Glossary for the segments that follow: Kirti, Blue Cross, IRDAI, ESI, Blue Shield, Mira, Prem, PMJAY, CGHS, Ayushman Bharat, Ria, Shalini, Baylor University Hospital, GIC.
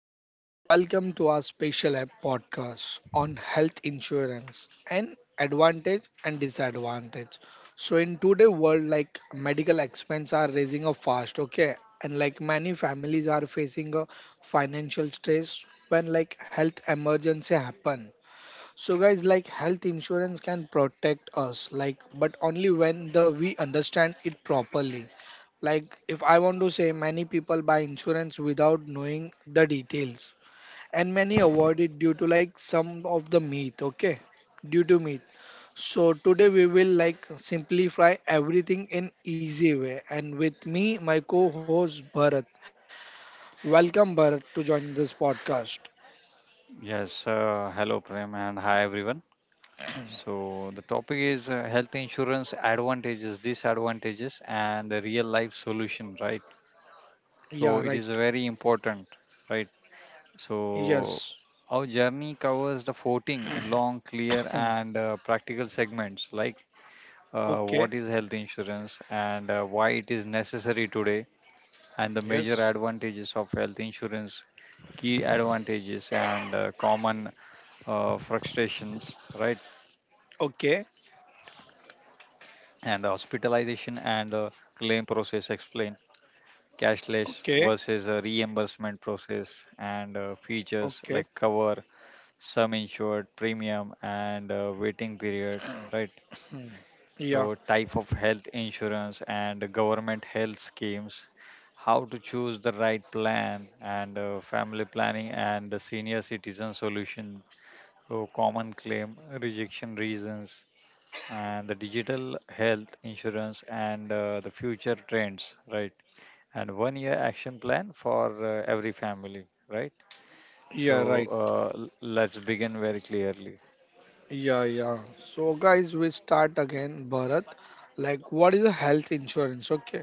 friends. Welcome to our special podcast on health insurance and advantage and disadvantage. So, in today's world, like medical expenses are raising up fast, okay, and like many families are facing a financial stress when like health emergency happen. So, guys, like health insurance can protect us, like, but only when the we understand it properly like, if I want to say, many people buy insurance without knowing the details, and many avoid it due to like some of the myth, okay? Due to myth. So, today we will like simplify everything in easy way. And with me, my co host Bharat. Welcome, Bharat, to join this podcast. Yes, hello Prem and hi everyone. So the topic is health insurance advantages, disadvantages and the real life solution, right? Yeah, So it right. is very important, right? So Yes. our journey covers the 14 long, clear Hmm. and practical segments like what Okay. is health insurance and why it is necessary today, and the major Yes. advantages of health insurance, key advantages and common frustrations, right? Okay. And the hospitalization and the claim process explain cashless versus a Okay. reimbursement process and features like Okay. cover, sum insured, premium and waiting period, right? Hmm. So Yeah. type of health insurance and government health schemes, how to choose the right plan and family planning and the senior citizen solution. So common claim rejection reasons, and the digital health insurance and the future trends, right? And one year action plan for every family, right? So Yeah, right. Let's begin very clearly. Yeah, yeah. So, guys, we start again, Bharat. Like, what is a health insurance? Okay.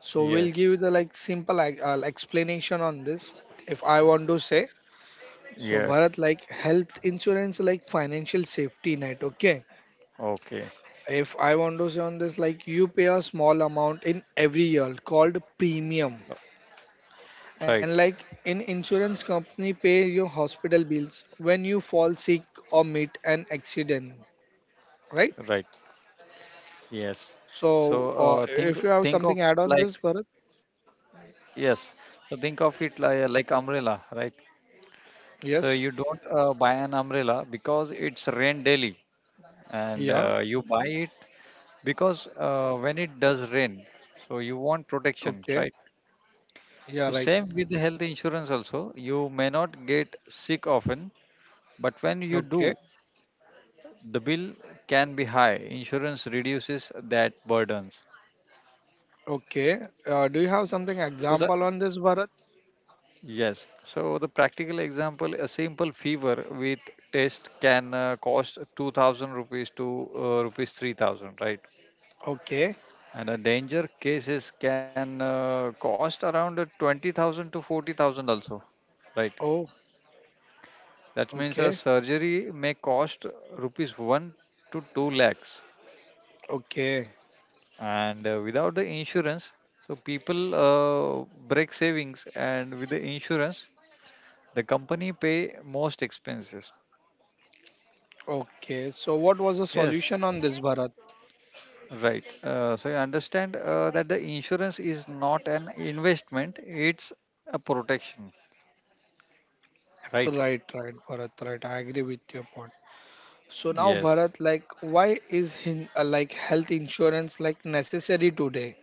So, we'll give Yes. you the like simple like, explanation on this if I want to say. So, Yeah. Bharat, like health insurance, like financial safety net. Okay. Okay. If I want to say on this, like you pay a small amount in every year called Uh, premium, Right. and like in insurance company pay your hospital bills when you fall sick or meet an accident, right? Right. Yes. So, So uh, think if you have think of something add it on like, this, Bharat? yes. So think of it like umbrella, right? Yes. So you don't buy an umbrella because it's rain daily, and Yeah. You buy it because when it does rain, so you want Okay. protection, right? Yeah. So Right. same with the health insurance, also you may not get sick often, but when you do, Okay. the bill can be high. Insurance reduces that burdens. Okay. Do you have something So the example on this, Bharat? Yes. So the practical example, a simple fever with test can cost 2000 rupees to rupees 3000, right? Okay. And a danger cases can cost around 20,000 to 40,000 also, right? Oh. That means a Okay. surgery may cost rupees 1 to 2 lakhs. Okay. And without the insurance, so people break savings, and with the insurance, the company pay most expenses. Okay. So, what was the solution Yes, on this, Bharat? right. So you understand that the insurance is not an investment, it's a protection. Right. Right. Right. Bharat. Right. I agree with your point. So now, Yes. Bharat, like, why is like health insurance like necessary today?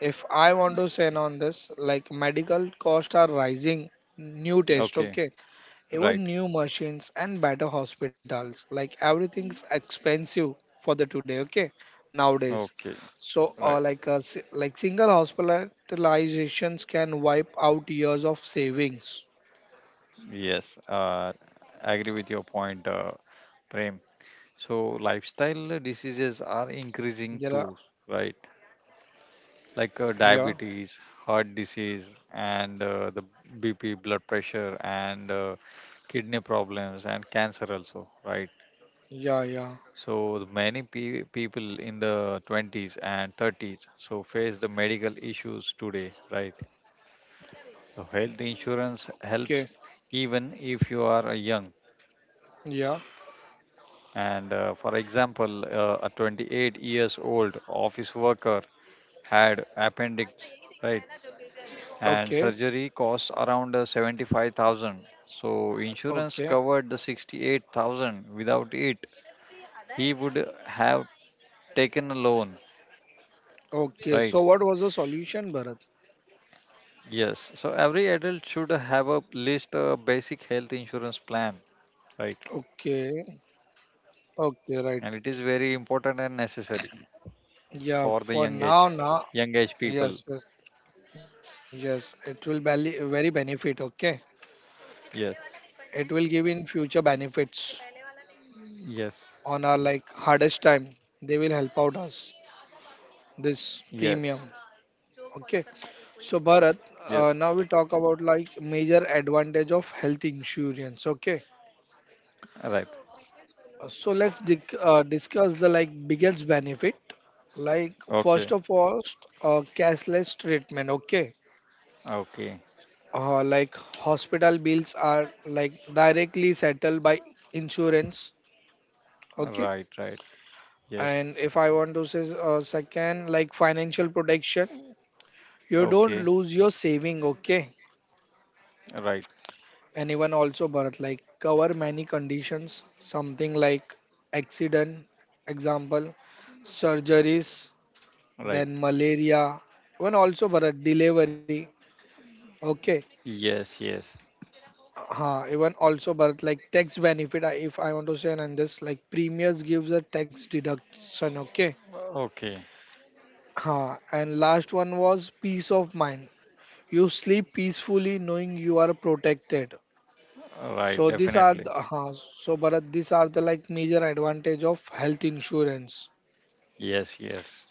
If I want to say on this, like medical costs are rising, new test, Okay. okay, Right. even new machines and better hospitals like everything's expensive for the today, okay, nowadays. Okay. So Right. like like single hospitalizations can wipe out years of savings. Yes. I agree with your point, Prem. So lifestyle diseases are There are increasing too, right? Like yeah, diabetes, heart disease, and the BP, blood pressure, and kidney problems, and cancer also, right? yeah, yeah, So the many people in the 20s and 30s so face the medical issues today, right? So health insurance okay, helps even if you are young. yeah, And for example, a 28 years old office worker had appendix, right? And okay, surgery costs around 75,000. So insurance okay, covered the 68,000. Without it, he would have taken a loan, okay. right? So what was the solution, Bharat? Yes. So every adult should have a list, a basic health insurance plan, right? Okay, okay, right. And it is very important and necessary Yeah, for the for young age, now. young age people. Yes, yes, yes, it will be very benefit. Okay, Yes. it will give in future benefits Yes. on our like hardest time. They will help out us this premium. Yes. Okay. So, Bharat, Yes. Now we talk about like major advantage of health insurance. Okay. Right. So let's discuss the like biggest benefit. Like first Okay. of all, cashless treatment. Okay. Okay. Uh, like hospital bills are like directly settled by insurance. Okay. Right. Right. Yes. And if I want to say, second, like financial protection, you Okay. don't lose your saving, okay? Right. And even also, Bharat, like cover many conditions, something like accident, example, surgeries, Right. then malaria, even also, Bharat, delivery, okay? Yes, yes. Ha, even also, Bharat, like tax benefit, if I want to say, and this, like premiums gives a tax deduction, okay? Okay. Ha, and last one was peace of mind. You sleep peacefully knowing you are protected. Right, So these are definitely. the, so Bharat, these are the like major advantage of health insurance. Yes, yes.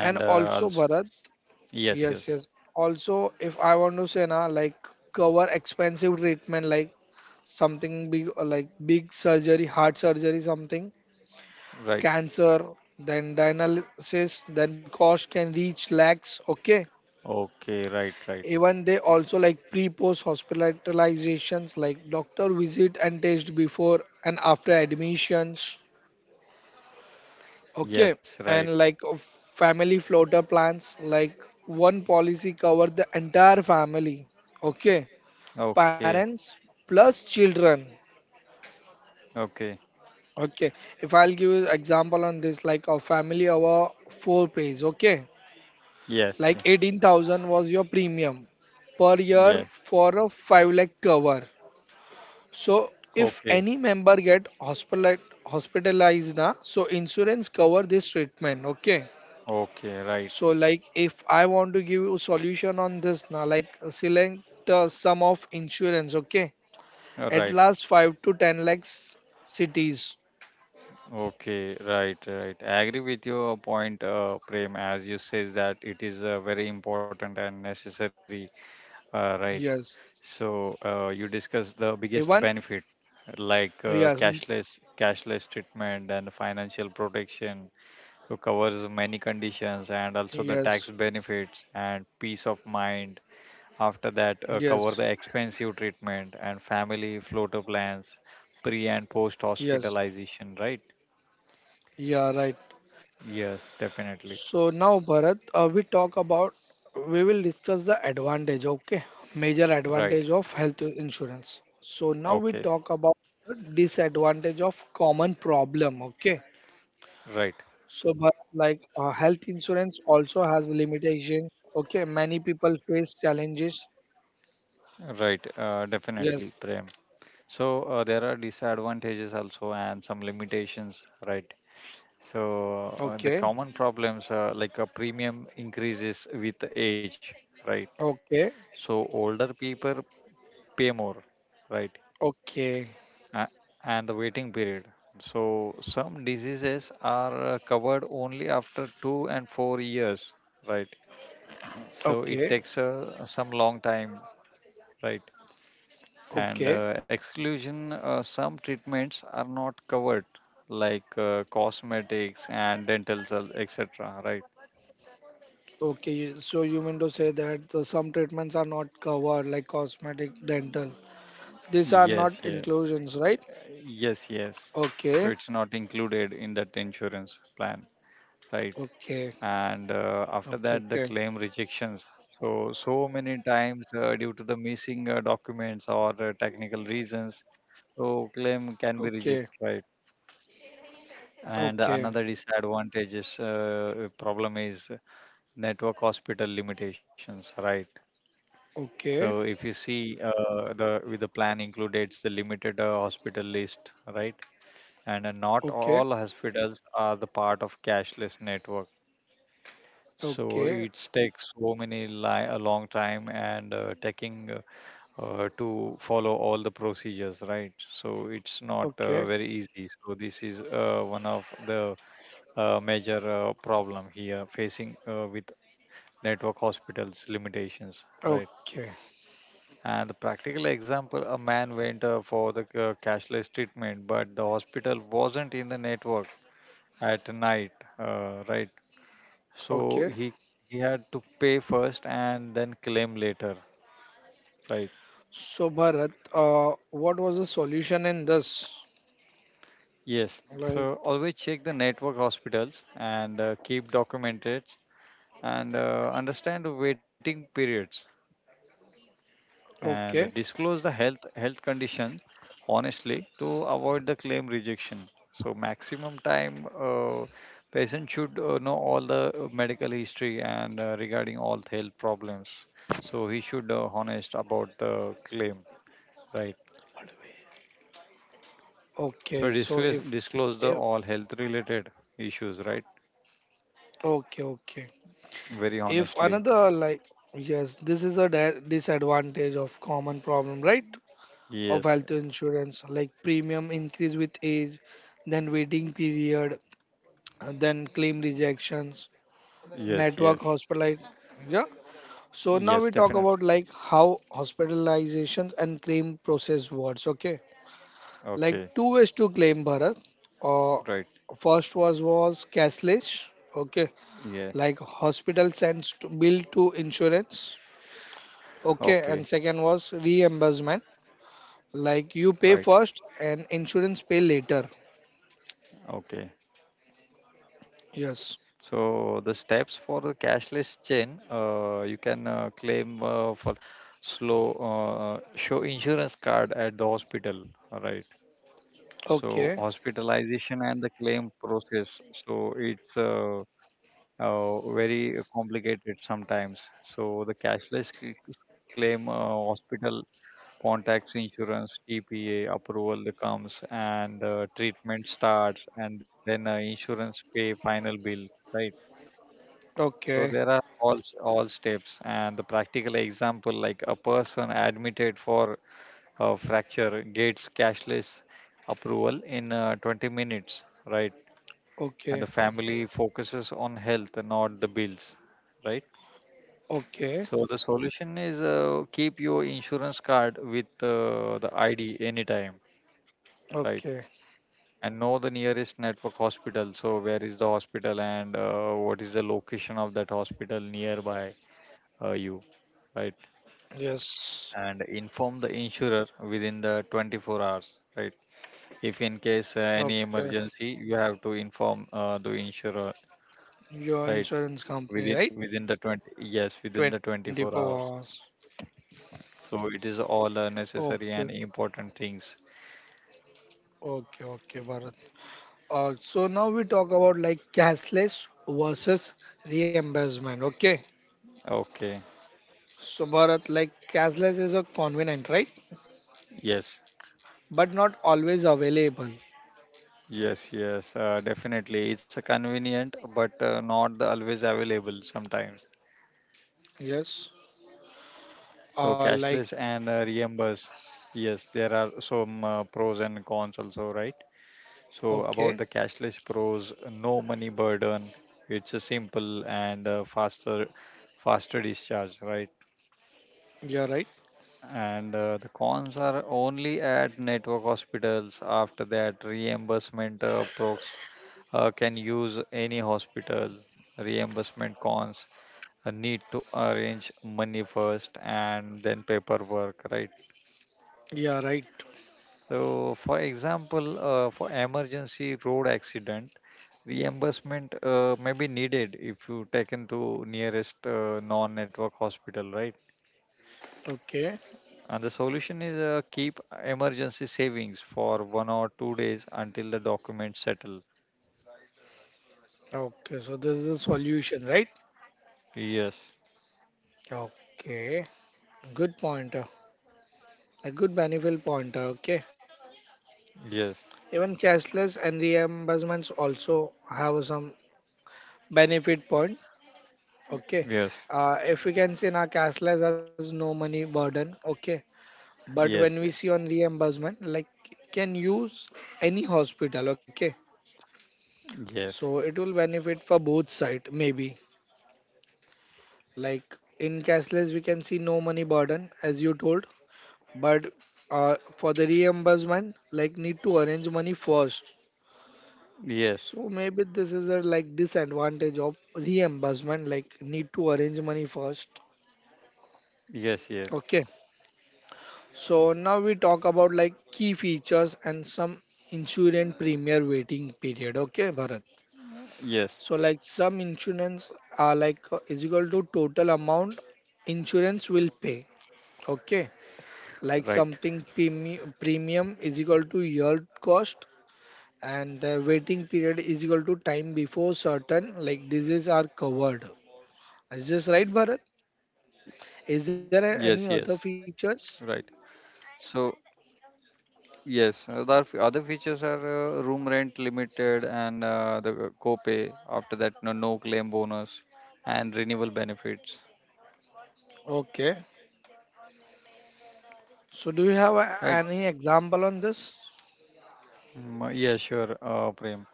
And also also, Bharat, yes, yes, yes. yes. Also, if I want to say na, like cover expensive treatment like something big like big surgery, heart surgery, something, Right. cancer, then dialysis, then cost can reach lakhs. Okay. Okay, right, right. Even they also like pre-post hospitalizations like doctor visit and test before and after admissions. Yes, Okay. right. And like family floater plans, like one policy cover the entire family. Okay. Okay, Parents plus children. okay. Okay. If I'll give you example on this, like a family over four pays. Okay. Yes, Like yes. 18,000 was your premium per year Yes. for a 5 lakh cover. So if Okay, any member get hospitalized na, so insurance cover this treatment. Okay. okay, right. So like if I want to give you solution on this na, like select the sum of insurance. Okay. At Right. last five to ten lakhs cities. Okay, right, right. I agree with your point, Prem, as you says that it is very important and necessary. Right. Yes. So you discussed the Even biggest benefit, like yes, mm, cashless treatment and financial protection. So covers many conditions and also the yes, tax benefits and peace of mind. After that, yes, cover the expensive treatment and family floater plans, pre and post yes. hospitalization. Right. Yeah, S- right. Yes, definitely. So now Bharat, we talk about we will discuss the advantage, okay? Major Right. advantage of health insurance. So now we Okay. talk about the disadvantage of common problem, okay? Right. So Bharat, like health insurance also has limitations, okay? Many people face challenges. Right. Yes. Definitely, Prem. So there are disadvantages also and some limitations, right? So Okay. the common problems are like a premium increases with age, right? Okay. So older people pay more, right? Okay. Uh, and the waiting period. So some diseases are covered only after 2 and 4 years, right? So it Okay. takes some long time, right? Okay. And exclusion, some treatments are not covered, like cosmetics and dental, etc. Right? Okay, so you mean to say that some treatments are not covered, like cosmetic, dental, these are Yes, not yeah, inclusions, right? yes, yes. So Okay, it's not included in that insurance plan, right? okay, And after okay, that, the okay, claim rejections. So many times due to the missing documents or technical reasons, so claim can be rejected, okay, right? And another okay, disadvantages problem is network hospital limitations, right? So if you okay, see the with the plan included the limited hospital list, right? And not okay, all hospitals are the part of cashless network. So okay, it takes so many a long time and taking to follow all the procedures, right? So it's not okay, very easy. So this is one of the major problem here facing with network hospitals limitations, right? okay, And the practical example, a man went for the cashless treatment, but the hospital wasn't in the network at night, right? So okay. he had to pay first and then claim later, right? So Bharat, what was the solution in this? Yes. Like, So always check the network hospitals and keep documented and understand the waiting periods, and okay, disclose the health condition honestly to avoid the claim rejection. So maximum time patient should know all the medical history and regarding all health problems, so he should honest about the claim, right? okay. So So disclose if the all health related issues, right? okay, okay. Very If honestly. another like, yes, this is a di disadvantage of common problem, right? Of Yes, health yeah. insurance, like premium increase with age, then waiting period, and then claim rejections, Yes, yes, network hospital. Yeah. So now yes, we talk definitely. about like how hospitalizations and claim process works. Okay. Like Okay. two ways to claim Bharat. Uh, Right. first was cashless. Okay. Yeah. Like hospital sends to bill to insurance. Okay. Okay. And second was reimbursement. Like you Right. pay first and insurance pay later. Okay. Yes. So the steps for the cashless chain, you can claim, for slow show insurance card at the hospital, right? Okay. So hospitalization and the claim process. So it's very complicated sometimes. So the cashless claim, hospital contacts insurance, TPA approval that comes and treatment starts, and then insurance pay final bill, right? So Okay. there are all steps, and the practical example, like a person admitted for a fracture gets cashless approval in 20 minutes, right? And Okay. the family focuses on health, not the bills, right? Okay. So the solution is keep your insurance card with the ID anytime, right? Okay. And know the nearest network hospital. So where is the hospital and what is the location of that hospital nearby you, right? Yes. And inform the insurer within the 24 hours, right? If in case any Okay. emergency, you have to inform the insurer, Your right? insurance company, within right? within the 20, yes, within the 24 24 hours. hours. So it is all Okay. necessary and important things. Okay. Okay, Bharat. So now we talk about like cashless versus reimbursement. Okay. Okay. So Bharat, like cashless is a convenient, right? Yes, But not always available. yes, yes, definitely. It's a convenient but not the always available sometimes. Yes. So Like, cashless and reimburse. Yes, there are some pros and cons also, right? So, okay. about the cashless pros, no money burden. It's a simple and faster discharge, right? You're right. And the cons are only at network hospitals. After that, reimbursement procs can use any hospital. Reimbursement cons, need to arrange money first and then paperwork, right? Yeah, right. So, for example, for emergency road accident, reimbursement may be needed if you taken to nearest non-network hospital, right? Okay. And the solution is keep emergency savings for 1 or 2 days until the documents settle. Okay, so this is a solution, right? Yes, Okay, good pointer, a good beneficial pointer. Okay, yes, even cashless and reimbursements also have some benefit point. Okay, yes, if we can see now, cashless has no money burden. Okay, but when yes, we yeah, see on reimbursement, like can use any hospital. Okay, yes, so it will benefit for both side maybe. Like in cashless, we can see no money burden as you told, but for the reimbursement like need to arrange money first. yes, So maybe this is a like disadvantage of reimbursement like need to arrange money first. yes, yes, Okay, so now we talk about like key features and some insurance premier waiting period, okay Bharat. yes, So like some insurance are like is equal to total amount insurance will pay. Okay. Like right. something premium is equal to year cost, and the waiting period is equal to time before certain like diseases are covered. Is this right, Bharat? Yes, yes, Is there any other right. features? So, yes, other features are room rent limited and the copay. After that, no claim bonus and renewal benefits. Okay. So do you have Right? any example on this? Mm, yeah, sure, Prem.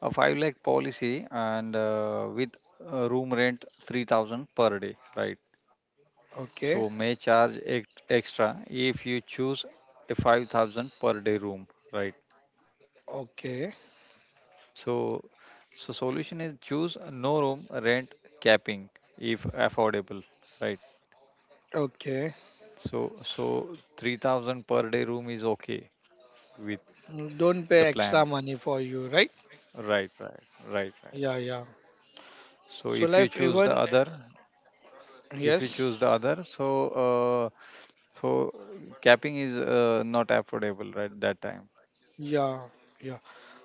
A 5 lakh policy and with room rent 3000 per day. Right? So Okay. may charge extra if you choose a 5000 per day room. Right? Okay. So, so solution is choose a no room rent capping if affordable, right? Okay. So 3000 per day room is okay with Mm, don't pay the plan, extra money for you, right? right? Right. Right. Right. Yeah, yeah. So So if you life choose the even other, if you yes. choose the other, so capping is not affordable, right? That time. Yeah, yeah.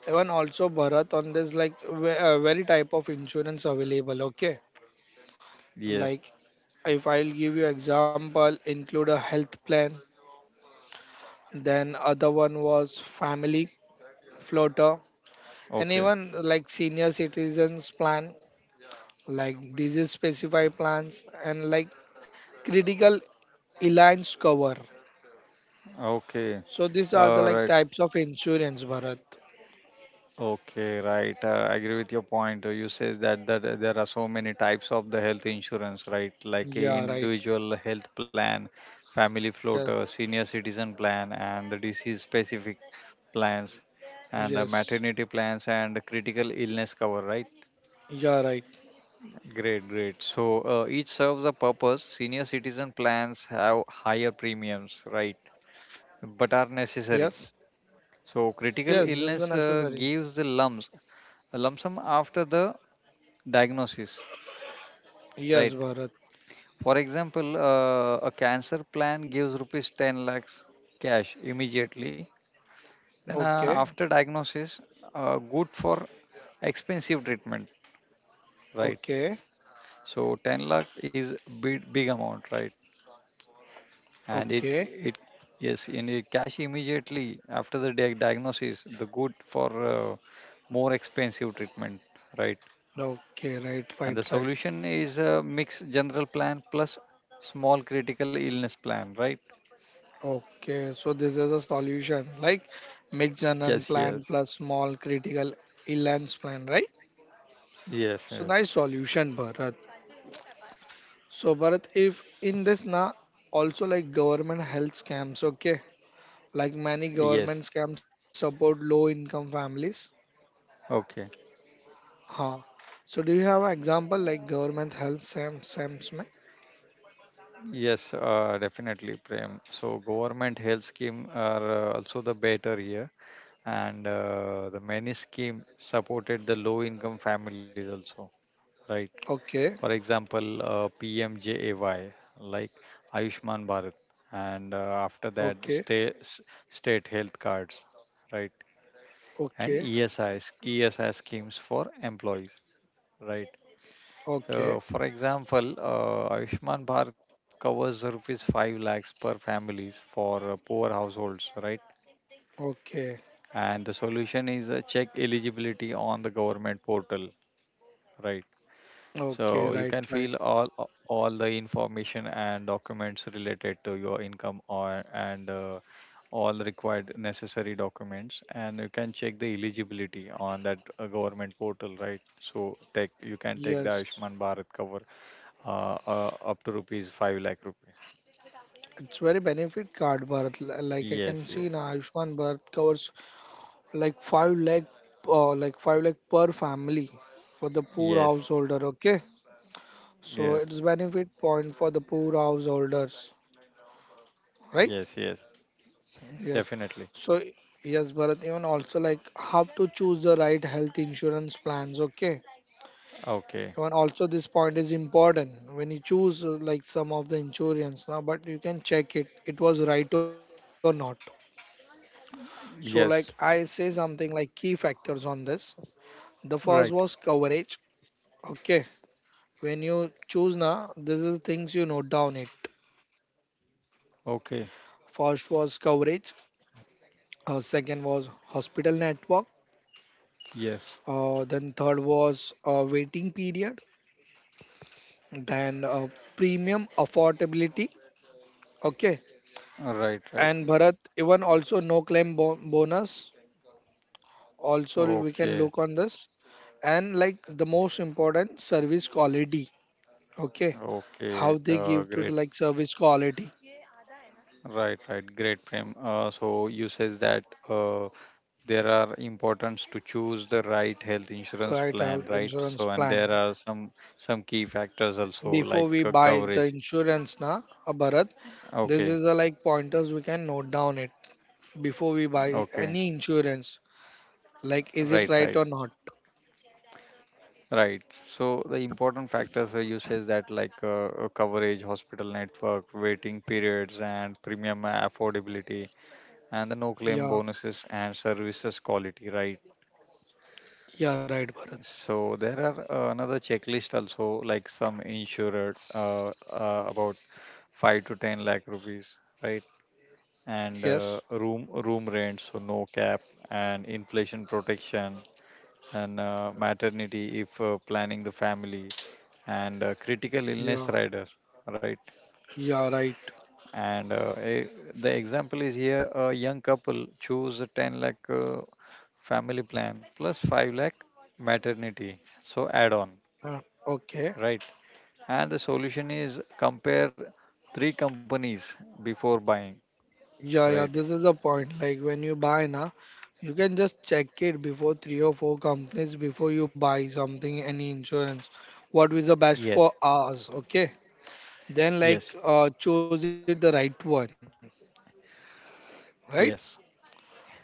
Even also Bharat on this like very type of insurance available. Okay. Yes. Like if I'll give you example, include a health plan, then other one was family floater, and Okay. even like senior citizens plan, like disease specific plans, and like critical alliance cover. Okay. So these are the All right. like types of insurance, Bharat. Okay, right. I agree with your point. You says that there are so many types of the health insurance, right? Like Yeah, right. individual health plan, family floater, Yes, senior citizen plan, and the disease specific plans, and the maternity yes. plans and the critical illness cover, right? Yeah, right. Great, great. So each serves a purpose. Senior citizen plans have higher premiums, right? But are necessary. Yes, So critical yes. This is illness necessary. gives the lumps a lump sum after the diagnosis, right? Yes, Bharat. For example, a cancer plan gives rupees 10 lakhs cash immediately, then Okay, after diagnosis, good for expensive treatment, right? okay, So 10 lakh is big, big amount, right? And it okay, it yes, in it cash immediately after the diagnosis, the good for uh, more expensive treatment, right? okay. Right, And the right, right. solution is a mixed general plan plus small critical illness plan, right? Okay, so this is a solution like mix an Yes, yes, unplanned plus small critical illance plan, right? yes, yes, So nice solution, Bharat. So Bharat, if in this na also like government health scams, okay? Like many yes. government scams support low income families. Okay. Huh. So do you have an example like government health scams? में? Yes, definitely, Prem. So government health scheme are also the better here, and the many scheme supported the low income families also, right? For Okay, example, PMJAY, like Ayushman Bharat, and after that, okay, state health cards, right? And okay, ESI schemes for employees, right? So, okay, for example, Ayushman Bharat covers rupees 5 lakhs per families for poor households, right? okay, And the solution is check eligibility on the government portal, right? So you okay, can right, fill right. all the information and documents related to your income or and all required necessary documents, and you can check the eligibility on that government portal, right? So take you can take the Yes. Ayushman Bharat cover up to rupees 5 lakh rupees. It's very benefit card, Bharat. Like I can Yes, see yes, now, Ayushman Bharat covers like five lakh, like five lakh per family for the poor yes, householder. Okay, so yes, it's benefit point for the poor householders, right? yes, yes, Yes. definitely. So yes, Bharat. Even also like how to choose the right health insurance plans. Okay. Okay, Even also this point is important when you choose like some of the insurance now, but you can check it. It was right or not. So, like I yes, say something like key factors on this. The first right. was coverage. Okay, when you choose na, this is things you note down it. Okay, First was coverage. Second was hospital network. yes, Then third was waiting period. Then premium affordability. Okay, right, right. and Bharat even also no claim bonus. Also, we can Okay, look on this and like the most important service quality, okay, okay, how they give to the great. like service quality, Right, right, great, Prem. So you says that there are importance to choose the right health insurance right? plan, Health right? So insurance and there plan are some key factors also before like we buy the coverage. insurance na, Bharat, Okay, this is the like pointers we can note down it before we buy any okay, insurance, like is it right right, or right. not. Right. So the important factors you says that like coverage, hospital network, waiting periods, and premium affordability, and the no Yeah, claim bonuses and services quality. Right. yeah, right Bharat. So there are another checklist also like some insurer about 5 to 10 lakh rupees. Right. And Yes, room rent, so no cap and inflation protection and maternity if planning the family and critical yeah, illness rider, right. yeah, right. And the example is here, a young couple choose a 10 lakh family plan plus 5 lakh maternity, so add on, Uh, okay. right. And the solution is compare three companies before buying, Yeah, right. yeah, this is the point. Like when you buy now, you can just check it before 3 or 4 companies before you buy something, any insurance. What is the best Yes, for us? Okay. Then yes, like choose it the right one, right? yes.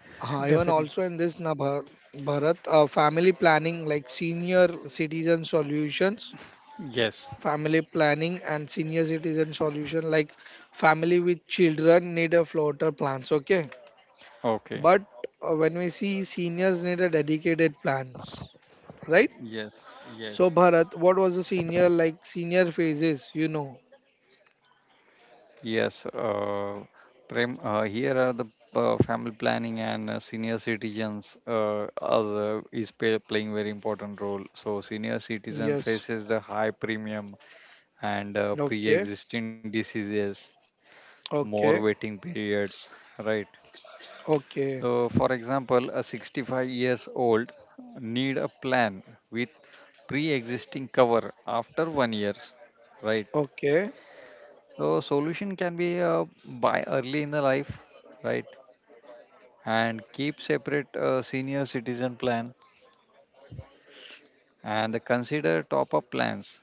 Even Definitely. also in this na Bharat, family planning like senior citizen solutions, Yes. family planning and senior citizen solution like family with children need a floater plans. Okay. Okay. But when we see seniors need a dedicated plans, right? Yes, yes. So Bharat, what was the senior like senior phases, you know? Yes, Prem, here are the family planning and senior citizens playing very important role. So senior citizen Yes. faces the high premium and Okay. pre-existing diseases, more Okay. waiting periods, right? Okay. So for example, a 65 years old need a plan with pre-existing cover after 1 years, right? Okay. So solution can be buy early in the life, right? And keep separate senior citizen plan and consider top up plans,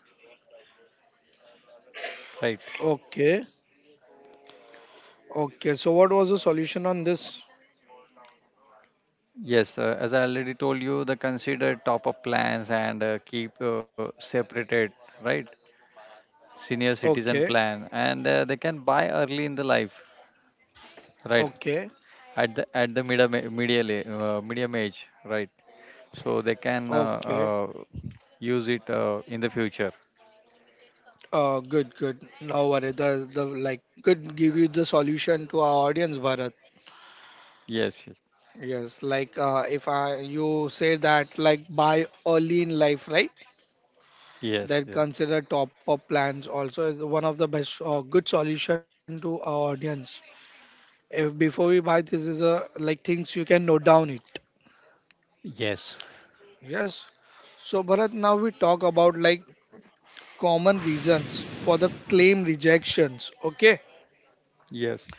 right. Okay. Okay. So what was the solution on this? Yes, as I already told you, the consider top up plans and keep separated, right, senior Okay. citizen plan and they can buy early in the life, right, Okay. at the medium age, right. So they can Okay. Use it in the future. Good, good. No worry. The like could give you the solution to our audience, Bharat. Yes, Yes, like if I you say that like buy early in life, right? yes, That yes, consider top-up plans also is one of the best good solution to our audience. If before we buy, this is a like things you can note down it. yes, yes, Yes. So Bharat, now we talk about like common reasons for the claim rejections. Okay. yes.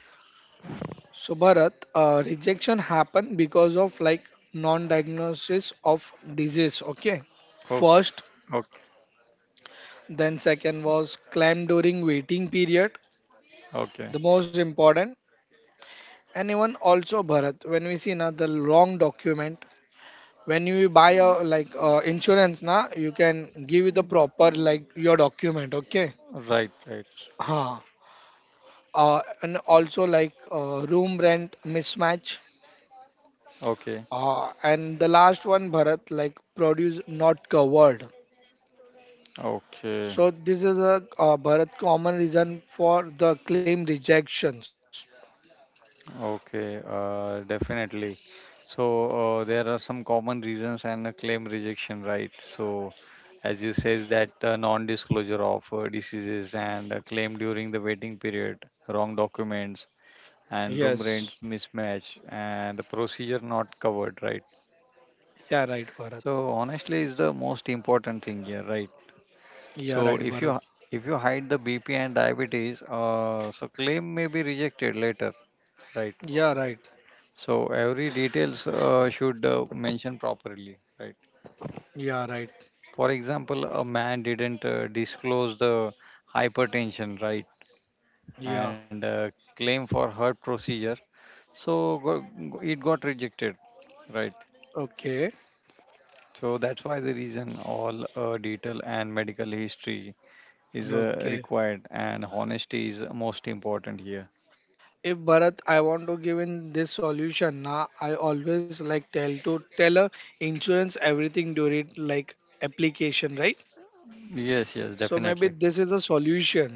So Bharat, rejection happen because of like non-diagnosis of disease. Okay. Okay, First, okay, then second was claim during waiting period. okay, The most important. And even also Bharat, when we see na the long document, when you buy a like insurance na, you can give you the proper like your document, okay? right, right. Huh. And also like room rent mismatch. Okay, And the last one Bharat like produce not covered. okay, So this is a Bharat common reason for the claim rejections. okay, definitely. So there are some common reasons and a claim rejection, right? So as you says that the non-disclosure of diseases and a claim during the waiting period, wrong documents and room Yes. rents mismatch and the procedure not covered, right? Yeah, right, Bharat. So honestly, is the most important thing here, right? Yeah, So right, if Bharat. you if you hide the BP and diabetes, so claim may be rejected later, right? Yeah, right. So every details should mention properly, right? Yeah, right. For example, a man didn't disclose the hypertension, right? Yeah. And claim for heart procedure, so it got rejected, right? Okay. So that's why the reason all detail and medical history is Okay. required, and honesty is most important here. If Bharat, I want to give in this solution. Now, I always like tell a insurance everything during like application, right? Yes, yes, So maybe definitely. this is a solution.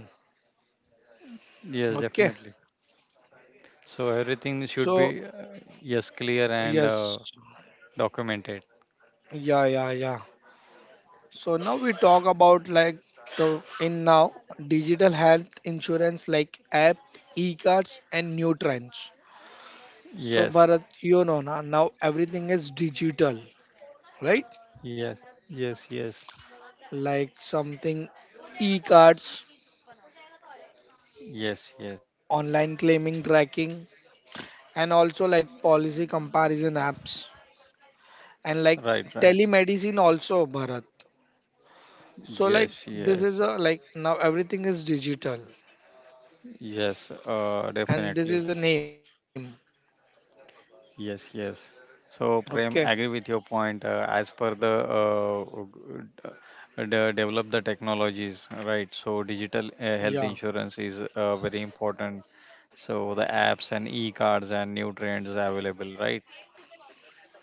Yes, Okay. definitely. So everything should So be, yes, clear and yes, documented. yeah, yeah. So now we talk about like the in now digital health insurance like app, e-cards, and new trends. So Yes, Bharat, you know now everything is digital, right? yes, yes, yes, Like something e-cards, yes, yes, online claiming tracking, and also like policy comparison apps and right, like right. telemedicine also Bharat. So like Yes, this yes, is a like now everything is digital yes, and this definitely. is the name. Yes, yes. So, Okay. Prem, agree with your point as per the develop the technologies, right. So digital health Yeah. insurance is very important. So the apps and e-cards and new trends are available, right,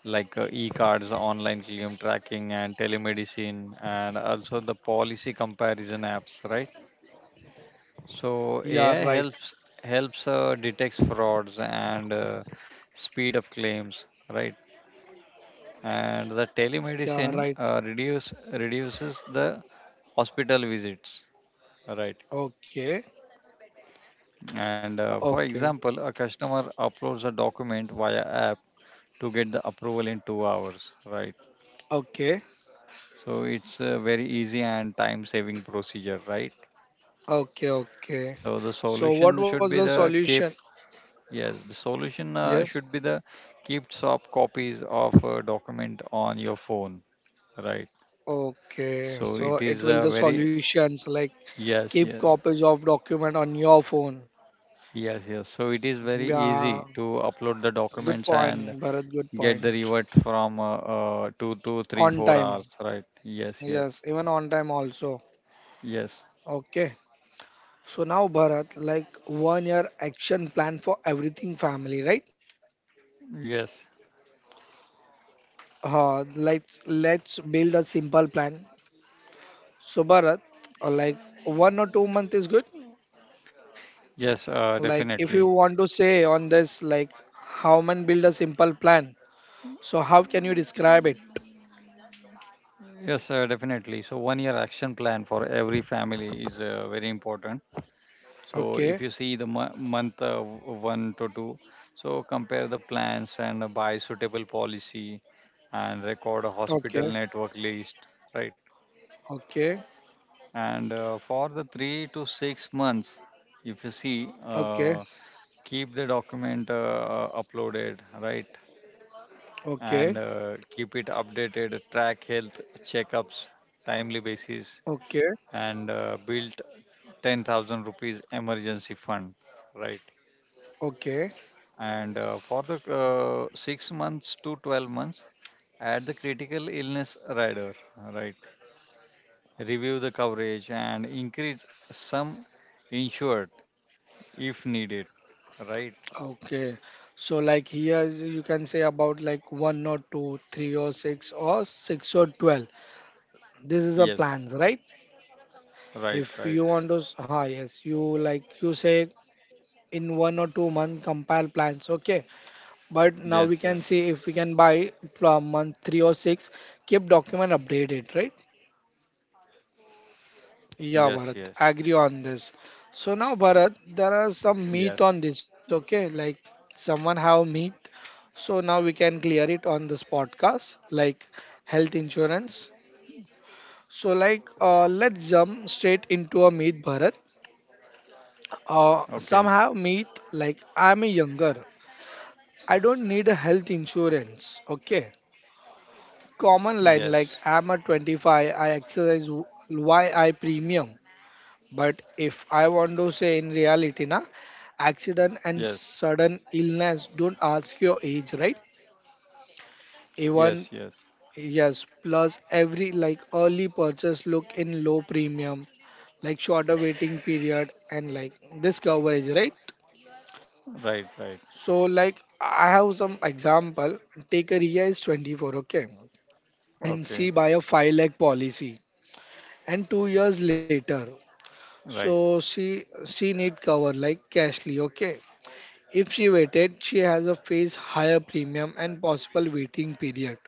like e-cards, online claim tracking, and telemedicine, and also the policy comparison apps, right? Yeah, So right. AI helps detects frauds and speed of claims, right? And the Yeah, right. telemedicine reduces the hospital visits, right? Okay. And for Okay. example, a customer uploads a document via app to get the approval in 2 hours, right? Okay. So it's a very easy and time saving procedure, right? Okay. Okay. So the So what solution was should the be the solution? keep, yes, the solution Yes. should be the keep soft copies of a document on your phone, right? Okay, So it so is it a will the very, solutions like yes, keep yes. copies of document on your phone. Yes, yes. So it is very Yeah, easy to upload the good documents point, and Bharat. Good point. get the revert from three, On four time. hours, right? Yes, yes, Yes, even on time also. yes, Okay. So now Bharat, like 1 year action plan for everything family, right? yes, Let's build a simple plan. So Bharat, like 1 or 2 month is good. yes. Like if you Definitely. want to say on this, like how man build a simple plan. So how can you describe it? Yes, sir, definitely. So, 1 year action plan for every family is very important. So, if you Okay, see the month 1 to 2, so compare the plans and buy suitable policy and record a okay, hospital network list, right? okay, And for the 3 to 6 months, if you see, okay, keep the document uploaded, right? okay, And keep it updated, track health checkups, timely basis, okay, and built 10,000 rupees emergency fund, right? okay, And for the 6 months to 12 months, add the critical illness rider, right? Review the coverage and increase sum insured if needed, right? okay. So like here, you can say about like one or two, 3 or 6 or 6 or 12. This is a Yes, plans, right? right, right. If you want to, ah yes, you like you say in 1 or 2 month compare plans, okay. But now we Yes, can yes, see if we can buy from month three or six. Keep document updated, right? yes, yes, Yeah, Bharat, I agree on this. So now, yes. Bharat, there are some meat on this, okay? Like someone have meat. So now we can clear it on this podcast, like health insurance. So like, let's jump straight into a meat, Bharat. Okay, Some have meat. Like I'm a younger, I don't need a health insurance, okay? Common yes, line like I'm a 25, I exercise, why I premium? But if I want to say in reality, na, accident yes, and sudden illness don't ask your age, right? yes, Even yes. yes, plus every like early purchase look in low premium, like shorter waiting period and like this coverage, right? Right, right. So like I have some example. Take a Ria is 24, okay, and Okay, she buy a 5 lakh policy, and 2 years later, right, so she need cover like cashly, okay. If she waited, she has a face higher premium and possible waiting period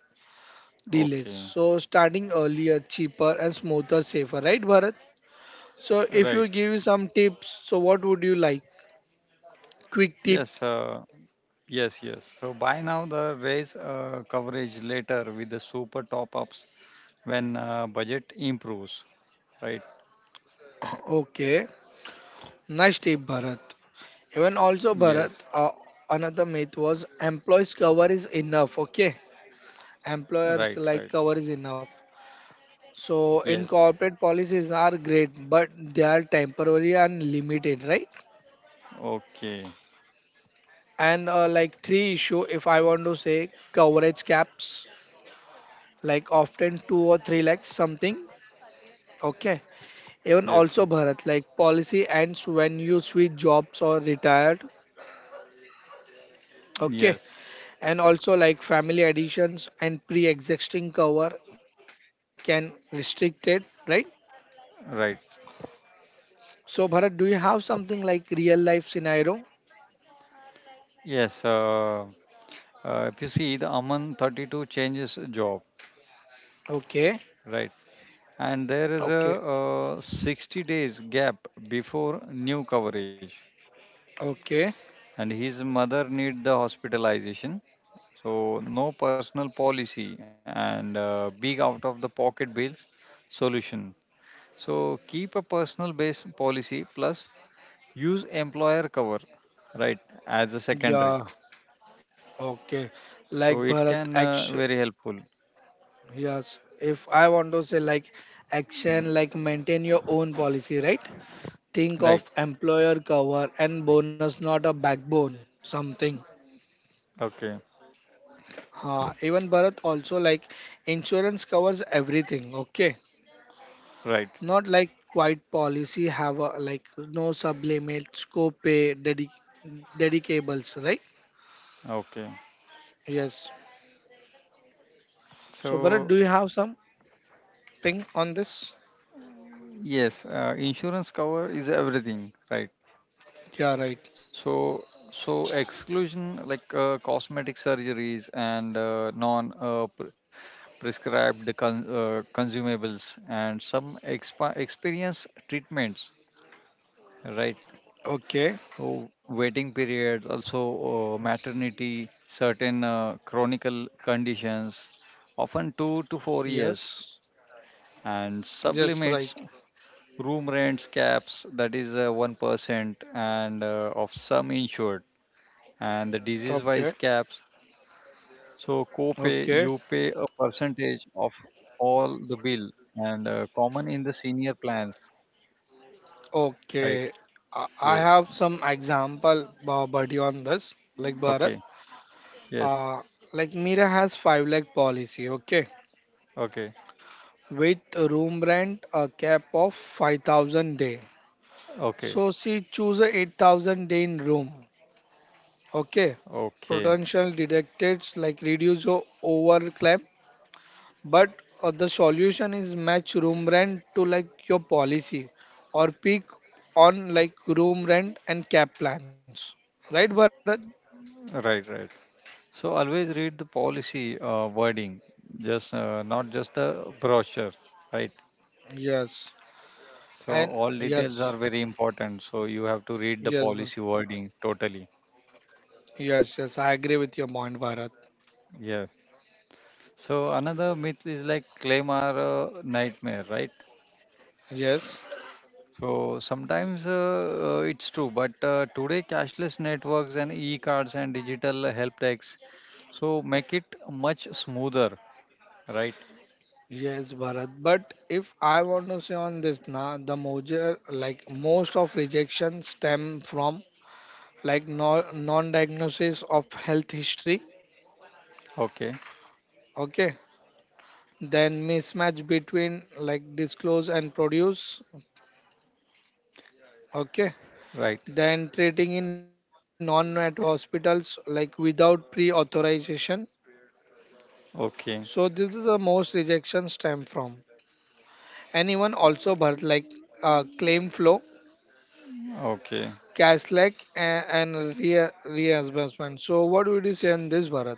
delays. okay, So starting earlier, cheaper and smoother, safer, right, Bharat? So if right. you give some tips, so what would you like? Quick tip. Yes, yes, yes. So buy now the raise coverage later with the super top ups when budget improves, right? Okay, nice tip, Bharat. Even also, Yes, Bharat, another myth was employees cover is enough. Okay, right, employer right. like cover is enough. So Yes, in corporate policies are great, but they are temporary and limited, right? okay. And like three issue, if I want to say coverage caps, like often two or three lakhs something. Okay. Yes, yeah. Even also Bharat, like policy ends when you switch jobs or retired. Yes, Okay. And also like family additions and pre-existing cover can restrict it, right? right. So Bharat, do you have something like real life scenario? Yes, if you see the Aman 32 changes job, Okay. right? And there is a Okay. 60 days gap before new coverage, Okay. and his mother need the hospitalization. So no personal policy and big out of the pocket bills. Solution. So keep a personal base policy plus use employer cover, right, as a secondary. Yeah. Okay. Like So it Bharat can action. very helpful, Yes, if I want to say like action, like maintain your own policy, right? Think right? of employer cover and bonus, not a backbone, something. Okay, Even Bharat also like insurance covers everything, okay? right. Not like quite policy have a like no sublimits, co-pay, dedicables, right? Okay. Yes. So Bharat, So do you have something on this? yes, insurance cover is everything, right? Yeah, right. So, so, exclusion like cosmetic surgeries and prescribed consumables and some experience treatments, right? Okay. So waiting periods, also maternity, certain chronic conditions, often 2 to 4 years, Yes. and Yes, right. sublimits, room rents caps, that is 1%, and of some insured and the disease Okay. wise caps. So co-pay, Okay. you pay a percentage of all the bill and common in the senior plans, right? Okay, I Yes. have some example buddy on this, like Bharat. Okay. Yes. Uh, like Mira has five lakh policy, okay, Okay. with room rent a cap of 5,000 day. Okay. So she choose a 8,000 day in room, okay. Okay. Potential detected like reduce your overclaim, but the solution is match room rent to like your policy or peak on like room rent and cap plans, right, Bharat? Right. Right. So always read the policy wording, just not just the brochure, right? Yes, So and all details yes, are very important. So you have to read the yes, policy wording totally. yes, yes. I agree with your point, Bharat. Yeah. So another myth is like claim are a nightmare, right? Yes, So sometimes it's true, but today cashless networks and e-cards and digital help decks, so make it much smoother, right? yes, Bharat. But if I want to say on this, na the major like most of rejection stem from like no, non-diagnosis of health history. Okay, Okay, then mismatch between like disclose and produce. Okay, right. then treating in non-network hospitals like without pre-authorization. So Okay, this is the most rejection stem from. And even also birth like claim flow, okay. cashback, and reimbursement. So, what would you say on this, Bharat?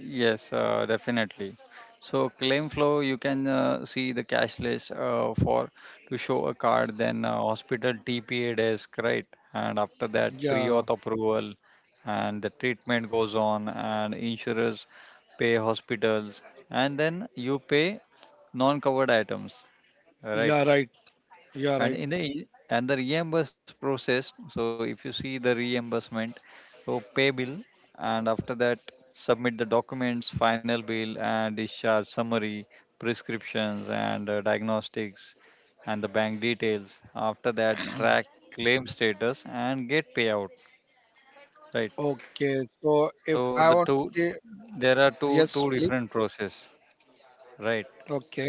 Yes, definitely. So claim flow, you can see the cashless for to show a card, then hospital TPA desk, right? And after that, Yeah, pre-auth approval, and the treatment goes on, and insurers pay hospitals, and then you pay non-covered items, right? yeah, right, yeah, And right. in the reimburse process, so if you see the reimbursement, so pay bill, and after that submit the documents, final bill and discharge summary, prescriptions and diagnostics and the bank details, after that track claim status and get payout, right. Okay, so if So I the want two to, there are yes, two please. two different process, right. Okay,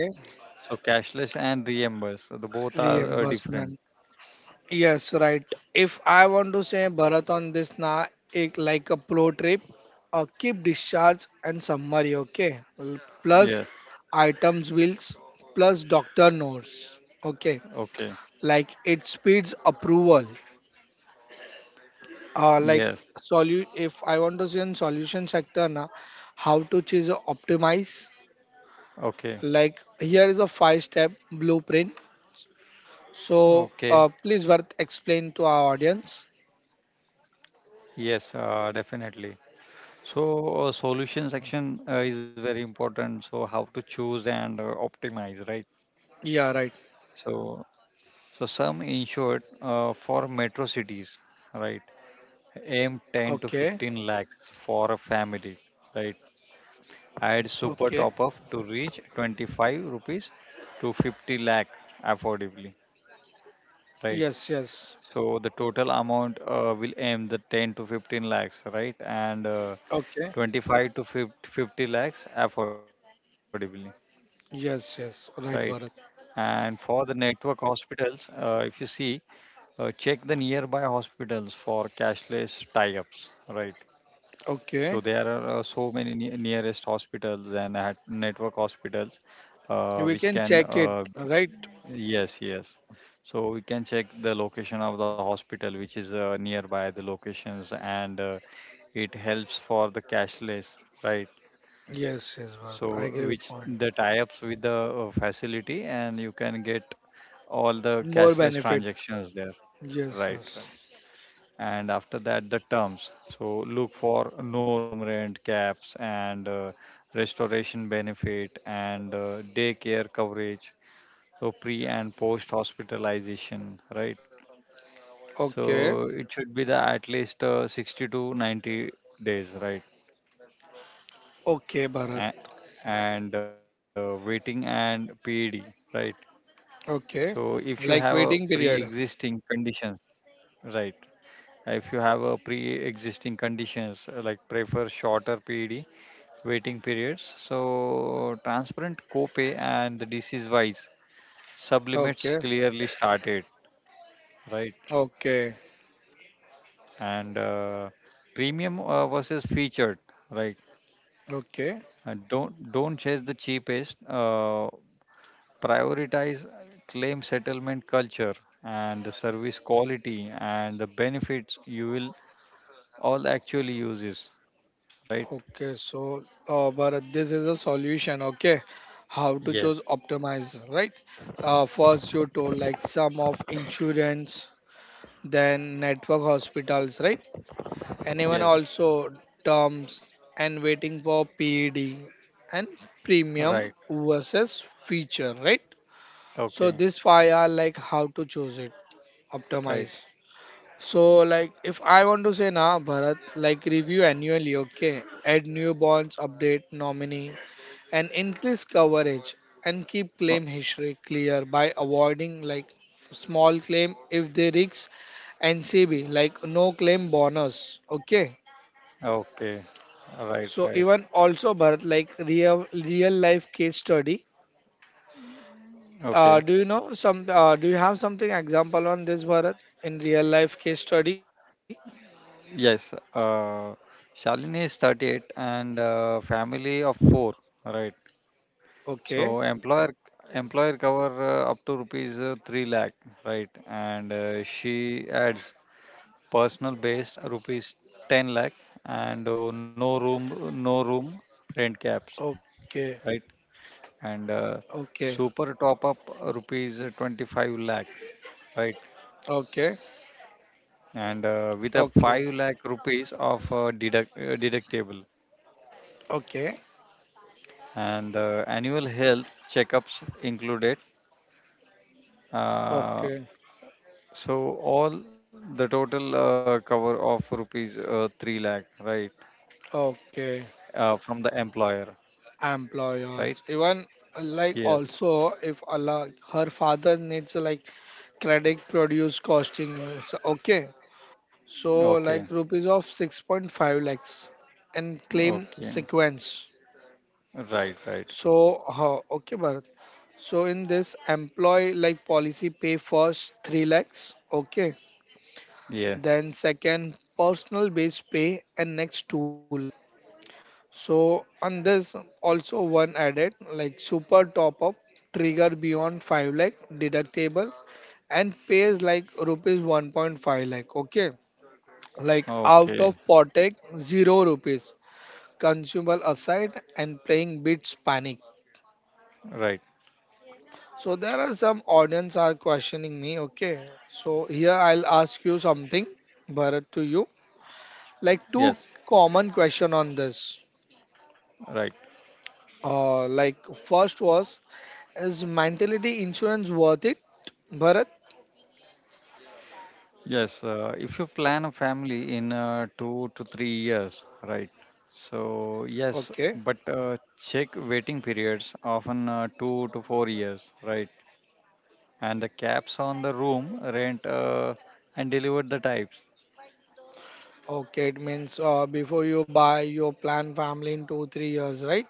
So cashless and reimburse, so the both are different. reimbursement. Yes, right. If I want to say Bharat on this na it like a pro trip, a keep discharge and summary. Okay, plus Yes, items bills, plus doctor notes. Okay, okay, like it speeds approval like yes, if I want to see in solution sector na, how to choose a optimize okay. like here is a five step blueprint so Okay, please worth explain to our audience. yes, definitely. So, solution section is very important. So, how to choose and optimize, right? Yeah right, So, so, some insured for metro cities, right? okay, Aim 10 to 15 lakhs for a family, right? okay, Add super top up to reach 25 rupees to 50 lakh affordably, yes right? yes So the total amount will aim the 10 to 15 lakhs, right? And okay, 25 to 50 lakhs affordably, yes right? yes right Bharat And for the network hospitals, if you see, check the nearby hospitals for cashless tie-ups, right? So there okay, are so many ne nearest hospitals and at network hospitals we which can can check it right, Yes, yes. So we can check the location of the hospital, which is nearby the locations, and it helps for the cashless, right? yes yes Bharat I So agree with which point, the tie-ups with the facility, and you can get all the more cashless benefit, transactions there, yes right? yes Right. And after that, the terms. So look for no room rent caps and restoration benefit and daycare coverage. So pre and post hospitalization, right? okay. So it should be the at least 60 to 90 days, right? Okay, Bharat. A- And waiting and PED, right? So Okay. if you have a Like waiting period. pre-existing conditions, right? If you have a pre-existing conditions, like prefer shorter PED waiting periods. So transparent copay and the disease-wise sublimits Okay. clearly started, right? Okay. And premium versus featured, right? Okay. And don't chase the cheapest. Prioritize claim settlement culture and the service quality and the benefits you will all actually use is right. Okay. So, Bharat, this is a solution. Okay. How to Yes. choose optimize, right? First, you told like sum of insurance, then network hospitals, right? And even Yes. also terms and waiting for PED and premium Right. versus feature, right? So, Okay. these five are like how to choose it, Right. optimize. So, like, if I want to say now, Bharat, like, review annually, okay? Add new bonds, update nominee, and increase coverage, and keep claim history clear by avoiding like small claim if they risk NCB, like no claim bonus, okay? Okay. Right. So Right. even also Bharat, like real life case study. Okay. Do you know some? Do you have something example on this Bharat in real life case study? Yes. Shalini is 38 and family of four. Right. Okay, So employer cover up to rupees 3 lakh, right? And she adds personal based rupees 10 lakh and no room rent caps, okay, right? And okay. super top up rupees 25 lakh, right? Okay, And with a okay, 5 lakh rupees of deductible okay, and annual health checkups included. Uh, okay, So all the total cover of rupees 3 lakh, right? okay. From the employer, right? Employers, even Yeah. like also if Allah, her father needs like credit produce costing. Okay, so Okay. like rupees of 6.5 lakhs and claim Okay. sequence. Right, right. So how? Okay, Bharat. So in this employee like policy pay first 3 lakhs, okay. Yeah. Then second personal base pay and next 2 lakhs. So, and there's also one added like super top up trigger beyond 5 lakh deductible and pays like rupees 1.5 lakh. Okay, like out of Okay. pocket, zero rupees consumable aside and playing bits panic. Right. So, there are some audience are questioning me. Okay, so here I'll ask you something, Bharat, to you like Yes. two common question on this. Right. Like first was is mentality insurance worth it, Bharat? Yes. If you plan a family in 2 to 3 years, right? Okay, So yes, but check waiting periods often 2 to 4 years, right? And the caps on the room rent and deliver the types. okay. It means before you buy your plan family in 2 3 years, right?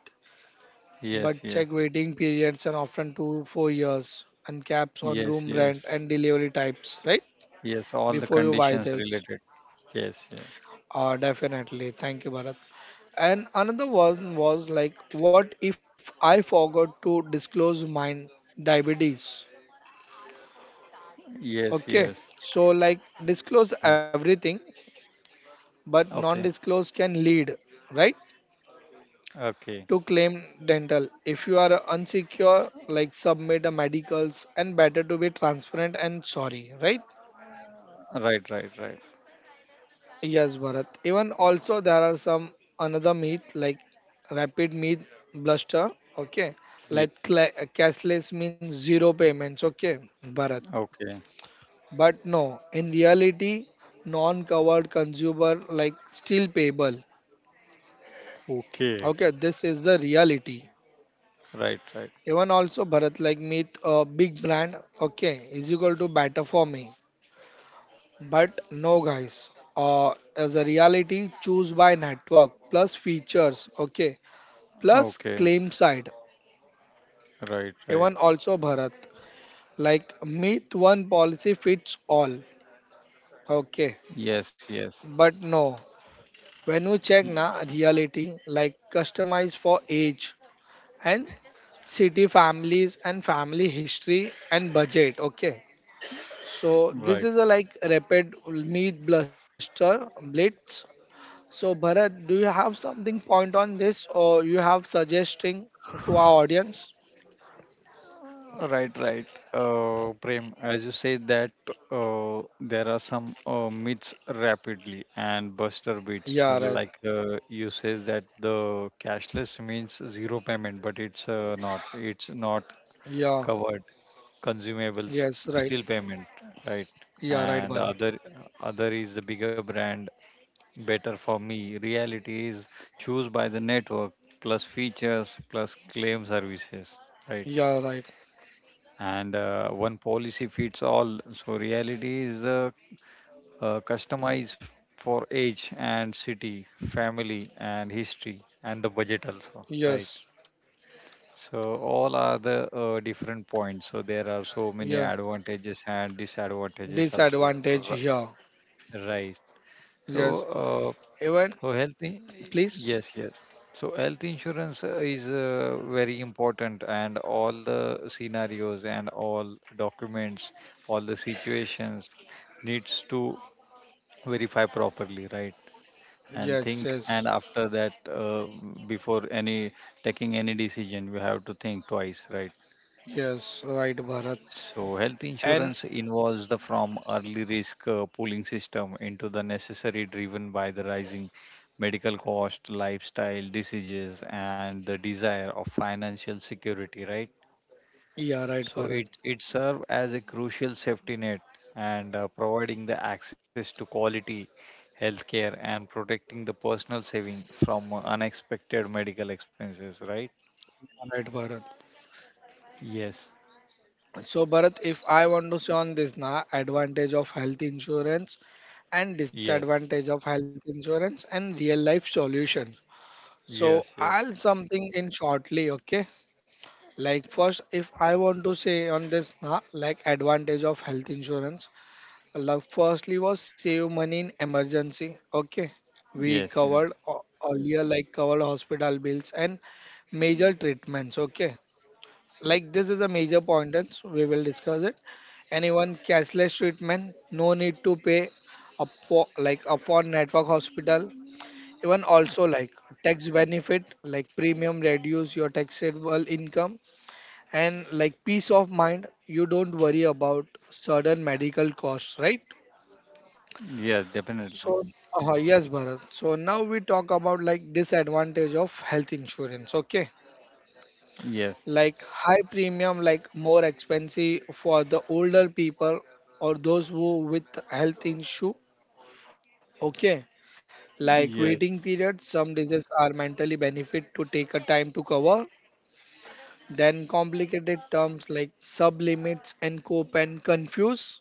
Yes, But yes, check waiting periods and often 2 4 years and caps on yes, room rent yes, and delivery types, right? yes. All the Before you buy conditions this, related. Yes, yes, definitely. Thank you, Bharat. And another one was like, what if I forgot to disclose mine diabetes? yes, Okay, yes, so like yes. disclose everything, Okay, but non-disclose can lead, right, okay. to claim dental. If you are unsecure, like submit a medicals, and better to be transparent and sorry, right? Right, right, right. Yes, Bharat. Even also there are some another myth like rapid myth bluster. Okay, Yeah. like cashless means zero payments. Okay, Bharat. Okay, But no, in reality, non-covered consumer like still payable. okay. Okay, this is the reality. Right, right. Even also Bharat like meet a big brand. Okay, is equal to better for me. But no guys. As a reality, choose by network plus features. Okay, plus Okay, claim side. right, right. Even also Bharat like meet one policy fits all. Okay, Yes, yes. but no. When we Y- check na reality like customize for age and city families and family history and budget, okay, so Right. this is a like rapid meat bluster blitz. So Bharat, do you have something point on this or you have suggesting to our audience? Right, right. Prem, as you say that there are some myths rapidly and buster Yeah, beats. right. Like you says that the cashless means zero payment, but it's not. It's not Yeah. covered consumable, Yes, right. still payment, right? Yeah, right, And the Bharat. other other is the bigger brand better for me. Reality is choose by the network plus features plus claim services, right? Yeah, right. And one policy fits all. So reality is customized for age and city, family and history, and the budget also, right? Yes, So all are the different points. So there are so many yes. advantages and disadvantages also, Disadvantage here. right? So Yes. Even, please. yes, yes. So health insurance is very important, and all the scenarios and all documents, all the situations needs to verify properly, right? And Yes, think, yes. and after that, before any taking any decision, we have to think twice, right? Yes, right, Bharat. So, health And insurance involves the from early risk pooling system into the necessary driven by the rising medical cost, lifestyle diseases, and the desire of financial security, right? yeah, right, So, it, Bharat. it serves as a crucial safety net and providing the access to quality healthcare and protecting the personal saving from unexpected medical expenses, right? Right, Bharat. Yes, So, Bharat, if I want to say on this na advantage of health insurance and yes, disadvantage of health insurance and real life solution. So, yes, yes, I'll something in shortly, okay? Like first, if I want to say on this na like advantage of health insurance, like firstly was save money in emergency, okay? We yes, yeah, covered earlier like covered hospital bills and major treatments, okay, Y- like this is a major point and so we will discuss it. Anyone cashless treatment, no need to pay up for like up for network hospital. Even also like tax benefit, like premium reduce your taxable income. And like peace of mind, you don't worry about sudden medical costs, right? yeah, definitely. So yes, Bharat, so now we talk about like disadvantage of health insurance, okay, Yes, like high premium, like more expensive for the older people or those who with health issue, okay. Like yes, waiting periods, some diseases are mentally benefit to take a time to cover. Then complicated terms like sublimits and cope and confuse.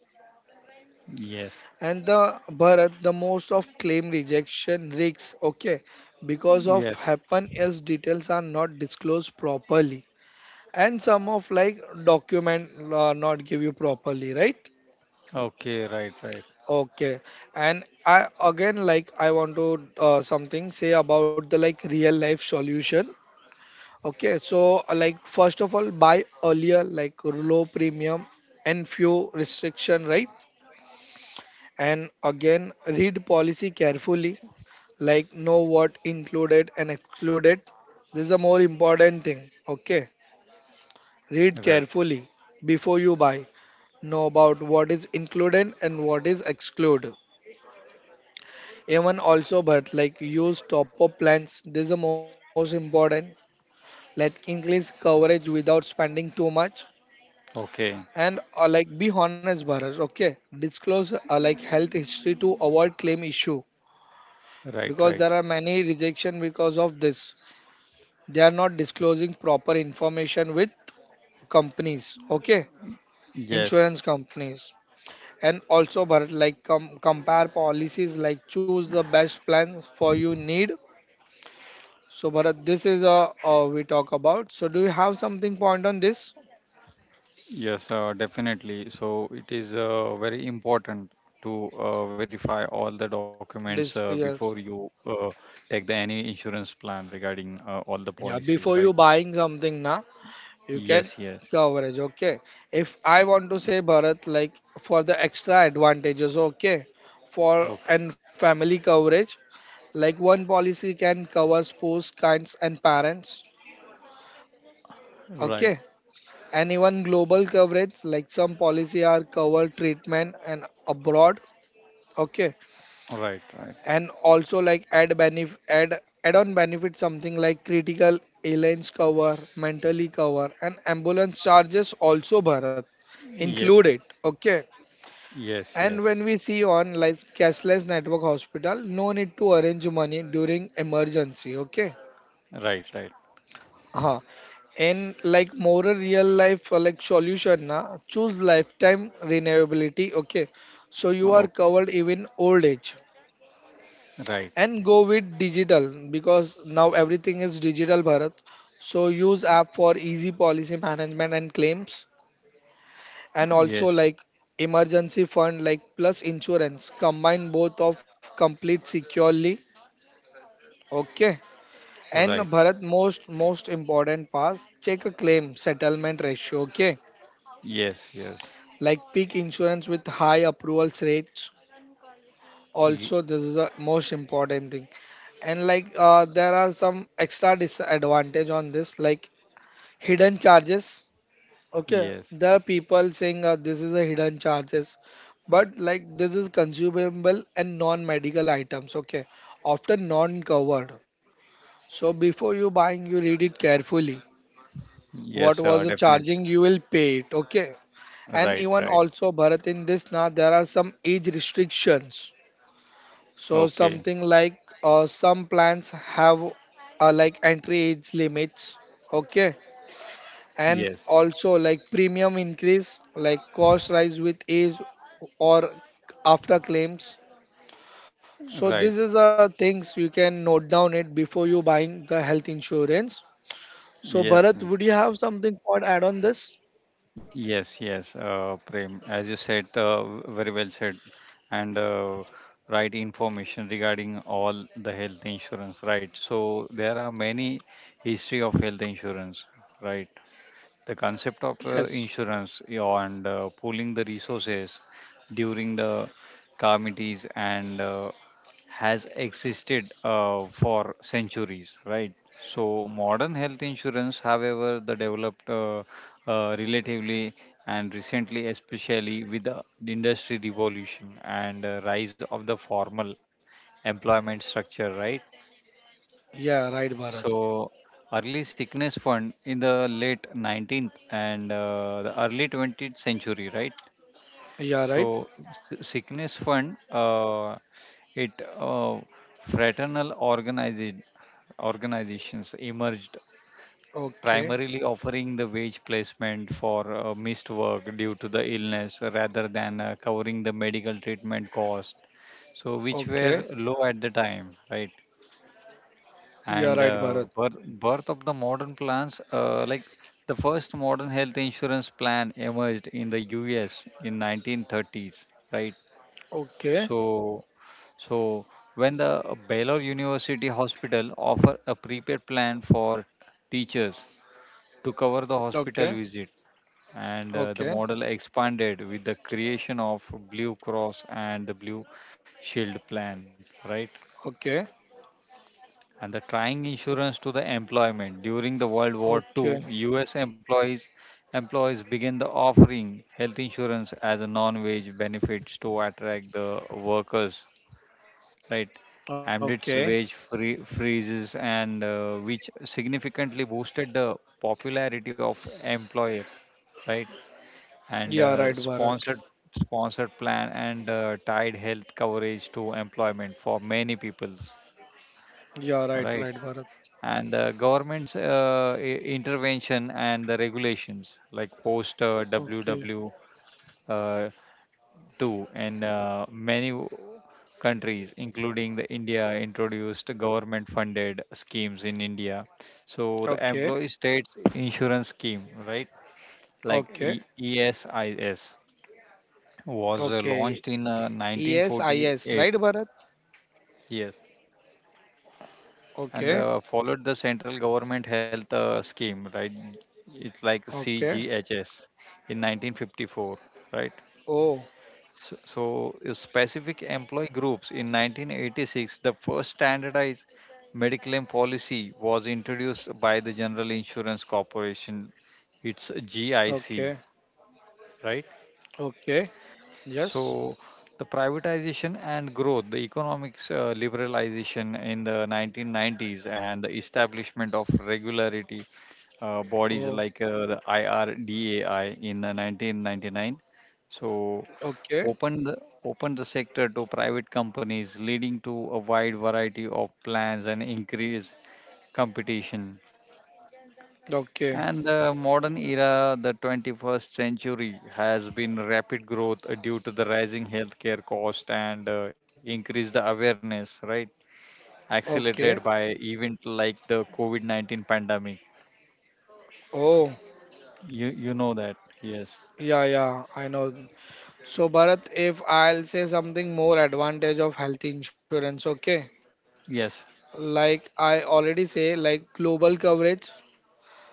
yes, And the Bharat, the most of claim rejection risks, okay, because of yes. happen as details are not disclosed properly. And some of like document not give you properly, right? Okay, right, right, Okay. And I again like I want to something say about the like real life solution, okay. So like first of all, buy earlier, like low premium and few restriction, right? And again, read policy carefully, like know what included and excluded. This is a more important thing, okay. Read right. carefully before you buy. Know about what is included and what is excluded. Even also, but like use top up plans. This is the most important. Like increase coverage without spending too much. Okay, And like be honest, Bharat. Okay, disclose like health history to avoid claim issue, right, because right. there are many rejection because of this. They are not disclosing proper information with companies. Okay, Yes, insurance companies. And also, Bharat, like compare policies, like choose the best plans for you need. So, Bharat, this is a we talk about. So, do you have something point on this? yes, definitely. So it is very important to verify all the documents This, before yes, you take the any insurance plan regarding all the yeah. policies, Before right? you buying something, na you can Yes, yes. coverage. Okay. If I want to say Bharat, like for the extra advantages, okay, for Okay, and family coverage, like one policy can cover spouse, kinds, and parents. right, Okay, and even global coverage, like some policy are cover treatment and abroad, okay. right, right. And also like add on benefit something like critical airlines cover, mentally cover, and ambulance charges also, Bharat, Yeah, include it, okay. yes, And yes. when we see on like cashless network hospital, no need to arrange money during emergency, okay. Right, right. Huh. And like more real life like solution na, choose lifetime renewability. Okay. So you are Okay, covered even old age. right. And go with digital, because now everything is digital, Bharat. So use app for easy policy management and claims. And also Yes, like emergency fund like plus insurance. Combine both of complete securely. Okay. And right. Bharat, most important part, check a claim settlement ratio. Okay, Yes, yes. like peak insurance with high approvals rates. Ye- Also this is the most important thing. And like there are some extra disadvantage on this, like hidden charges, okay. yes. There are people saying this is a hidden charges. But like this is consumable and non-medical items, okay, often non-covered. So before you buying, you read it carefully Yes, what was sir, the definitely. charging you will pay it, okay. And Right, even right. also Bharat, in this now there are some age restrictions. So Okay. something like some plans have like entry age limits, okay. And Yes, also like premium increase, like cost rise with age or after claims. So this right. is the things you can note down it before you buying the health insurance. So Yes, Bharat, would you have something for add on this? yes, yes. Prem, as you said, very well said, and right information regarding all the health insurance. Right. So there are many history of health insurance. Right. The concept of Yes. insurance, yeah, and pooling the resources during the calamities and has existed for centuries, right? So modern health insurance, however, the developed relatively and recently, especially with the industry revolution and rise of the formal employment structure, right? Yeah, right, Bharat. So early sickness fund in the late 19th and the early 20th century, right? Yeah, right. So, sickness fund, it uh, fraternal organized organizations emerged Okay, primarily offering the wage placement for missed work due to the illness rather than covering the medical treatment cost. So, which were okay. low at the time, right? Yeah, And right, uh, Bharat. birth, birth of the modern plans, like the first modern health insurance plan emerged in the US in 1930s, right? Okay, So, so when the Baylor University Hospital offer a prepaid plan for teachers to cover the hospital okay, visit, and the okay, model expanded with the creation of Blue Cross and the Blue Shield plans, right? okay, And the tying insurance to the employment during the World War II, okay, U.S. employees began the offering health insurance as a non-wage benefits to attract the workers, right? And okay. its wage freezes and which significantly boosted the popularity of employer, right? And Yeah, uh, right, Bharat. sponsored sponsored plan and tied health coverage to employment for many people, Yeah, right, right? right, Bharat. And the government's intervention and the regulations like post Okay, WW too, and many countries, including the India, introduced government-funded schemes in India. So the okay, Employee State Insurance Scheme, right? Like okay, ESIS, was okay. launched in Yes, I yes, 1948. right, Bharat. Yes, and Okay, followed the central government health scheme, right? It's like okay. CGHS in 1954, right? Oh, So, so specific employee groups in 1986, the first standardized medical policy was introduced by the General Insurance Corporation. It's okay, GIC, right? okay. Yes. So the privatization and growth, the economics liberalization in the 1990s, and the establishment of regularity bodies Oh, like the IRDAI in the 1999. So okay, opened the, opened the sector to private companies, leading to a wide variety of plans and increased competition. okay, And the modern era, the 21st century, has been rapid growth due to the rising healthcare cost and increase the awareness, right? Accelerated okay. by event like the COVID-19 pandemic. Oh, You know that. Yes. yeah, yeah. I know. So Bharat, if I'll say something more advantage of health insurance, okay? Yes. Like I already say, like global coverage.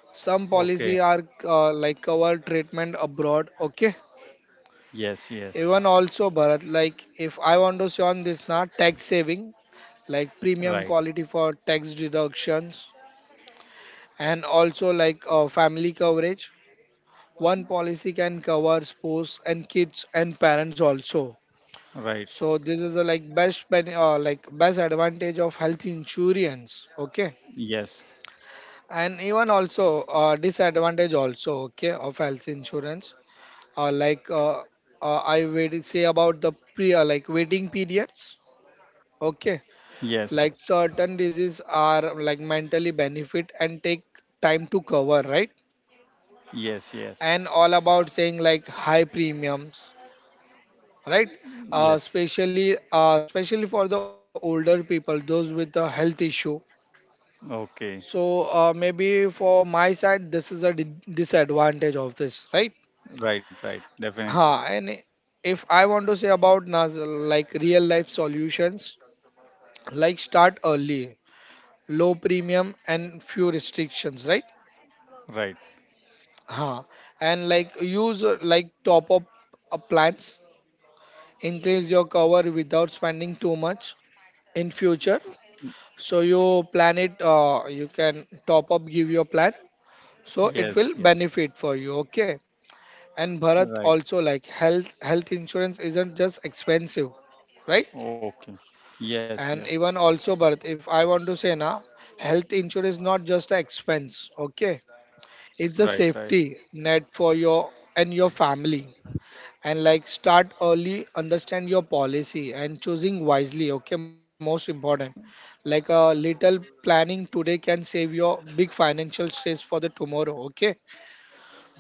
Some policy Okay. are like cover treatment abroad, okay? Yes. Yes. Even also Bharat, like if I want to say on this now, tax saving, like premium Right. quality for tax deductions, and also like family coverage. One policy can cover spouse and kids and parents also. Right. So this is the like best ben like best advantage of health insurance. Okay, Yes. and even also disadvantage also okay of health insurance. Uh, like uh, I will say about the pre like waiting periods. Okay, Yes. like certain diseases are like mentally benefit and take time to cover, right? Yes. Yes. And all about saying like high premiums, right? Yes. Especially for the older people, those with the health issue. Okay. So maybe for my side, this is a di disadvantage of this, right? Right. Right. Definitely. Ha, and if I want to say about nas like real life solutions, like start early, low premium and few restrictions, right? Right. Ha, and like use like top up plans, increase your cover without spending too much in future. So you plan it, you can top up, give your plan, so it Yes. will Yes. benefit for you, okay? And Bharat Right. also like health insurance isn't just expensive, right? Okay. Yes. Yes. And even also Bharat, if I want to say na, health insurance is not just an expense, okay? Right. It's a Right. safety net for your and your family. And like start early, understand your policy and choosing wisely, okay? Most important. Like a little planning today can save your big financial stress for the tomorrow, okay?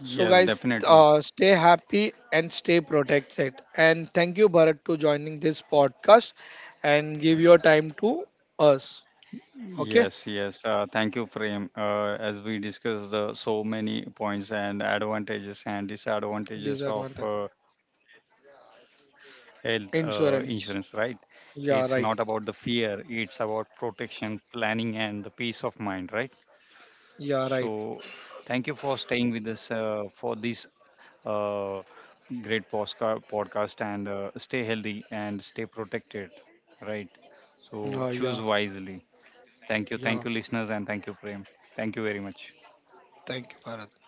So, guys, definitely. Stay happy and stay protected. And thank you, Bharat, to joining this podcast and give your time to us. Okay, Yes, yes. Thank you, Prem. As we discussed the so many points and advantages and disadvantages of disadvantage health insurance, right? It's insurance. not about the fear, Yeah, right. it's about protection, planning, and the peace of mind, right? So, Yeah, right. thank you for staying with us for this uh, great podcast and stay healthy and stay protected, right? So, choose Uh, yeah, wisely. Thank you. Thank you, listeners, yeah. and thank you, Prem. Thank you very much. Thank you, Bharat.